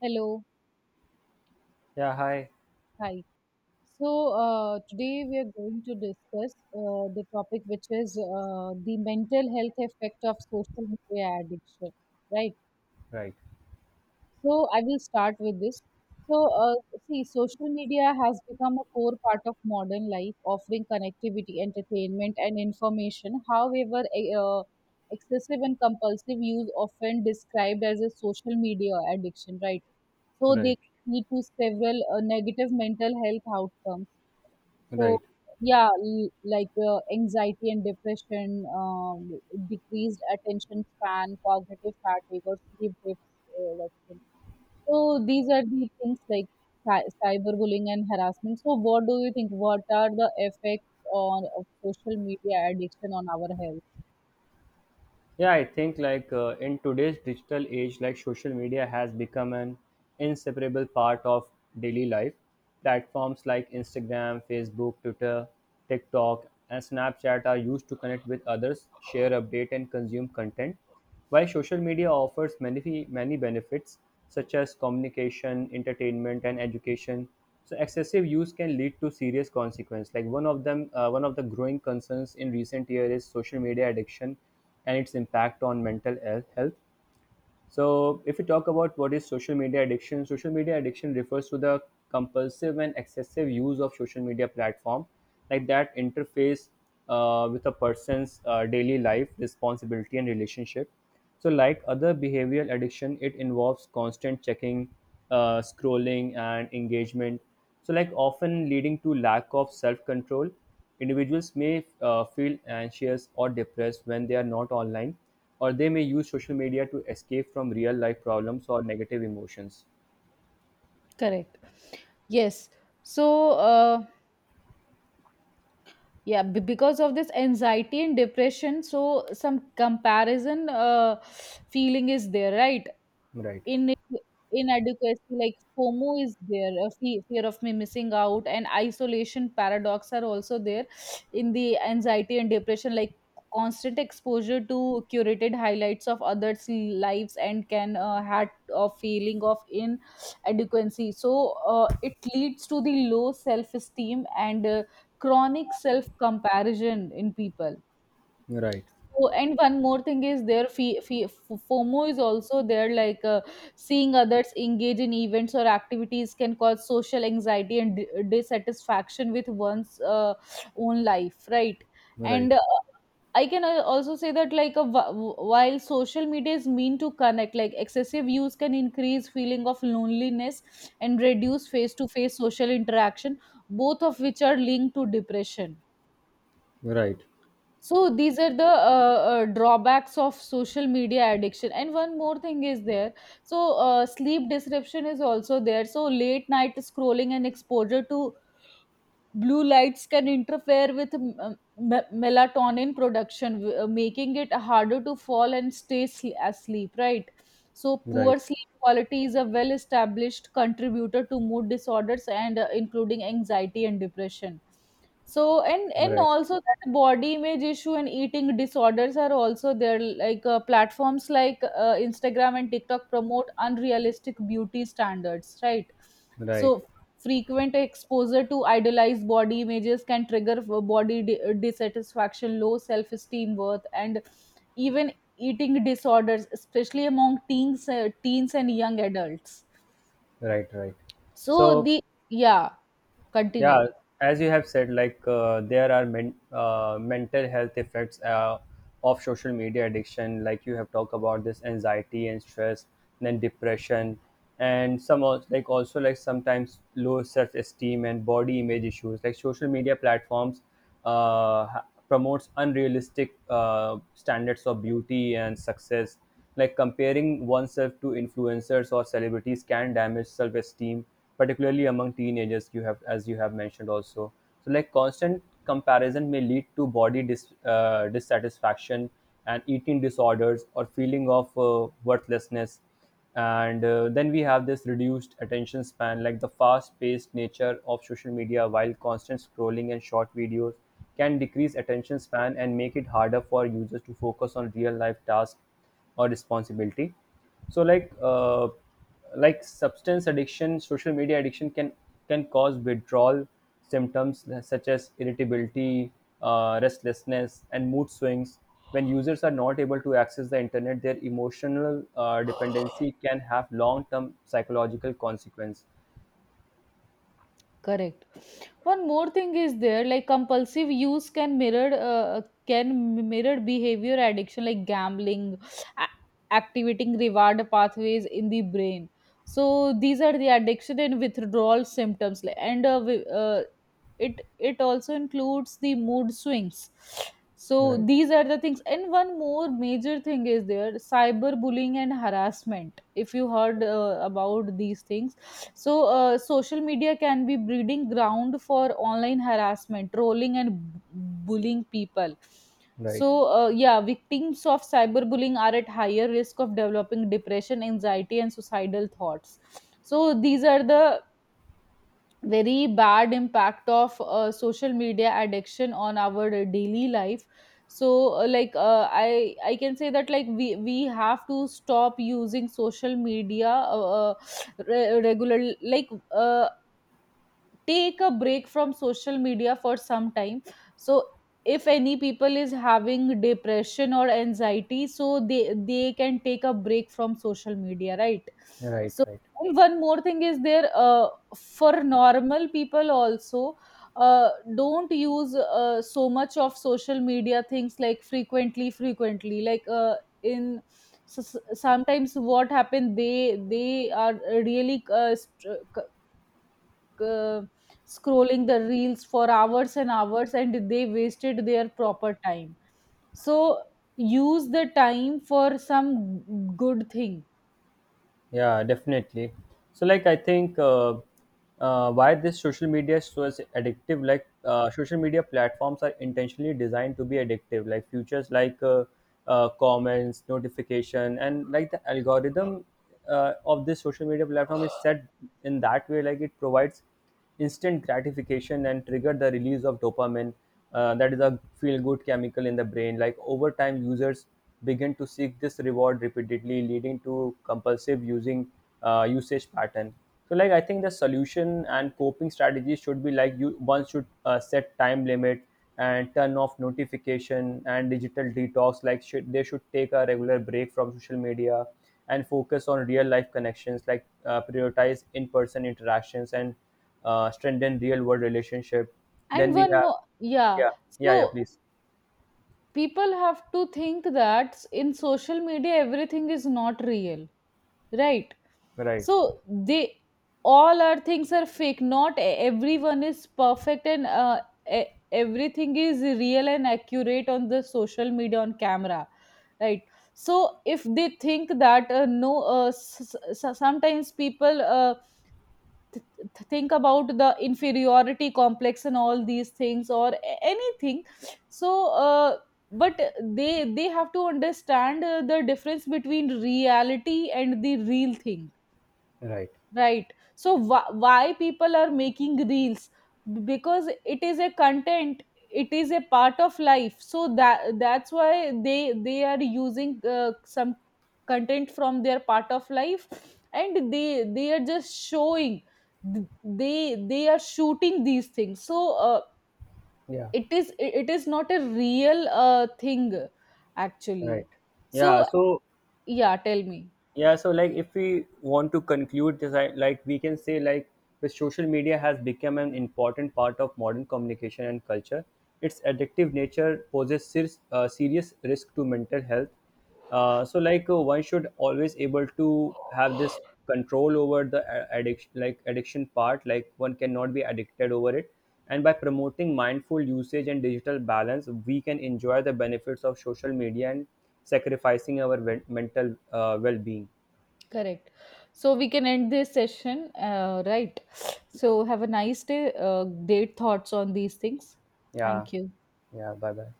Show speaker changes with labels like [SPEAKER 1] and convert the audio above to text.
[SPEAKER 1] Hello,
[SPEAKER 2] Yeah, hi.
[SPEAKER 1] hi. So Today we are going to discuss the topic, which is the mental health effect of social media addiction, right?
[SPEAKER 2] Right,
[SPEAKER 1] So I will start with this. So uh, Social media has become a core part of modern life, offering connectivity, entertainment, and information. However, excessive and compulsive use, often described as a social media addiction, right? So
[SPEAKER 2] right,
[SPEAKER 1] they lead to several negative mental health outcomes. So
[SPEAKER 2] right.
[SPEAKER 1] Anxiety and depression, decreased attention span, cognitive fatigue, or sleep deprivation. So these are the things, like cyberbullying and harassment. So what do you think? What are the effects on of social media addiction on our health?
[SPEAKER 2] Yeah, I think in today's digital age, like social media has become an inseparable part of daily life. Platforms like Instagram, Facebook, Twitter, TikTok, and Snapchat are used to connect with others, share update, and consume content. While social media offers many, many benefits such as communication, entertainment, and education, so excessive use can lead to serious consequences. Like one of them, one of the growing concerns in recent years is social media addiction and its impact on mental health. So, if we talk about what is social media addiction refers to the compulsive and excessive use of social media platform, like that interface with a person's daily life, responsibility, and relationship. So, like other behavioral addiction, it involves constant checking, scrolling, and engagement. So, like often leading to lack of self-control, individuals may feel anxious or depressed when they are not online, or they may use social media to escape from real life problems or negative emotions.
[SPEAKER 1] Correct. Yes. So, uh, because of this anxiety and depression, so some comparison feeling is there, right?
[SPEAKER 2] Right,
[SPEAKER 1] In inadequacy, like FOMO is there, fear of me missing out, and isolation paradox are also there in the anxiety and depression. Like constant exposure to curated highlights of others lives and can had a feeling of inadequacy, so it leads to the low self esteem and chronic self comparison in people.
[SPEAKER 2] right,
[SPEAKER 1] Oh, and one more thing is there, FOMO is also there, like seeing others engage in events or activities can cause social anxiety and dissatisfaction with one's own life, right?
[SPEAKER 2] right, right,
[SPEAKER 1] And I can also say that, like while social media is mean to connect, like excessive use can increase feeling of loneliness and reduce face-to-face social interaction, both of which are linked to depression.
[SPEAKER 2] right,
[SPEAKER 1] So these are the drawbacks of social media addiction, and one more thing is there. Sleep disruption is also there. So late night scrolling and exposure to blue lights can interfere with melatonin production, making it harder to fall and stay asleep, right? So
[SPEAKER 2] right,
[SPEAKER 1] poor sleep quality is a well established contributor to mood disorders, and including anxiety and depression. So and Also that body image issue and eating disorders are also there, like platforms like Instagram and TikTok promote unrealistic beauty standards, right?
[SPEAKER 2] right, right,
[SPEAKER 1] So frequent exposure to idealized body images can trigger body dissatisfaction, low self esteem, worth, and even eating disorders, especially among teens and young adults.
[SPEAKER 2] right. Right.
[SPEAKER 1] So,
[SPEAKER 2] So,
[SPEAKER 1] the yeah, continue.
[SPEAKER 2] yeah, as you have said, there are mental health effects of social media addiction, like you have talked about this anxiety and stress, then depression, and some like also like sometimes low self-esteem and body image issues, like social media platforms promotes unrealistic standards of beauty and success, like comparing oneself to influencers or celebrities can damage self-esteem, particularly among teenagers. You have, as you have mentioned, also. So like constant comparison may lead to body dissatisfaction and eating disorders or feeling of worthlessness, and then we have this reduced attention span, like the fast paced nature of social media, while constant scrolling and short videos can decrease attention span and make it harder for users to focus on real life tasks or responsibility. So, like like substance addiction, social media addiction can cause withdrawal symptoms such as irritability, restlessness, and mood swings. When users are not able to access the internet, their emotional dependency can have long term psychological consequence.
[SPEAKER 1] Correct. One more thing is there, like compulsive use can mirror behavior addiction like gambling, a- activating reward pathways in the brain. So these are the addiction and withdrawal symptoms, it also includes the mood swings. So
[SPEAKER 2] Right,
[SPEAKER 1] these are the things. And one more major thing is there, cyberbullying and harassment. If you heard about these things, so social media can be breeding ground for online harassment, trolling, and bullying people.
[SPEAKER 2] right,
[SPEAKER 1] So yeah, victims of cyberbullying are at higher risk of developing depression, anxiety, and suicidal thoughts. So these are the very bad impact of social media addiction on our daily life. So like I can say that, like we have to stop using social media regular, like take a break from social media for some time. So if any people is having depression or anxiety, so they can take a break from social media, right?
[SPEAKER 2] right,
[SPEAKER 1] So
[SPEAKER 2] right.
[SPEAKER 1] and one more thing is there, for normal people also, uh, don't use so much of social media things, like frequently, like in sometimes what happened? They are really like, uh, scrolling the reels for hours and hours, and they wasted their proper time. So use the time for some good thing.
[SPEAKER 2] Yeah, definitely. So, like, I think why this social media is so as addictive. Like, social media platforms are intentionally designed to be addictive. Like, features like comments, notification, and like the algorithm of this social media platform is set in that way. Like, it provides instant gratification and trigger the release of dopamine, that is a feel good chemical in the brain. Like over time users begin to seek this reward repeatedly, leading to compulsive using usage pattern. So like I think the solution and coping strategy should be like you one should set time limit and turn off notification and digital detox, like they should take a regular break from social media and focus on real life connections, like prioritize in person interactions and strengthen real world relationship. Then
[SPEAKER 1] And
[SPEAKER 2] we
[SPEAKER 1] one
[SPEAKER 2] have,
[SPEAKER 1] more, yeah,
[SPEAKER 2] yeah. Yeah, yeah,
[SPEAKER 1] so
[SPEAKER 2] please.
[SPEAKER 1] people have to think that in social media, everything is not real, right?
[SPEAKER 2] Right.
[SPEAKER 1] So they, all our things are fake. Not e- Everyone is perfect and e- everything is real and accurate on the social media, on camera, right? So if they think that no s- s- sometimes people think about the inferiority complex and all these things, or anything, so but they have to understand the difference between reality and the real thing,
[SPEAKER 2] Right.
[SPEAKER 1] right? So why people are making reels? Because it is a content, it is a part of life. So that's why they are using some content from their part of life, and they are just showing, they are shooting these things. So
[SPEAKER 2] Yeah.
[SPEAKER 1] it is, it is not a real thing,
[SPEAKER 2] Right.
[SPEAKER 1] actually. So
[SPEAKER 2] Yeah. So
[SPEAKER 1] yeah, tell me.
[SPEAKER 2] yeah, so like if we want to conclude this I, like we can say like the social media has become an important part of modern communication and culture. Its addictive nature poses serious risk to mental health. So like, one should always able to have this control over the addiction, like addiction part, like one cannot be addicted over it, and by promoting mindful usage and digital balance, we can enjoy the benefits of social media and sacrificing our mental well being.
[SPEAKER 1] Correct. So we can end this session, right? So have a nice day. Great thoughts on these things.
[SPEAKER 2] Yeah,
[SPEAKER 1] Thank you.
[SPEAKER 2] yeah, bye bye.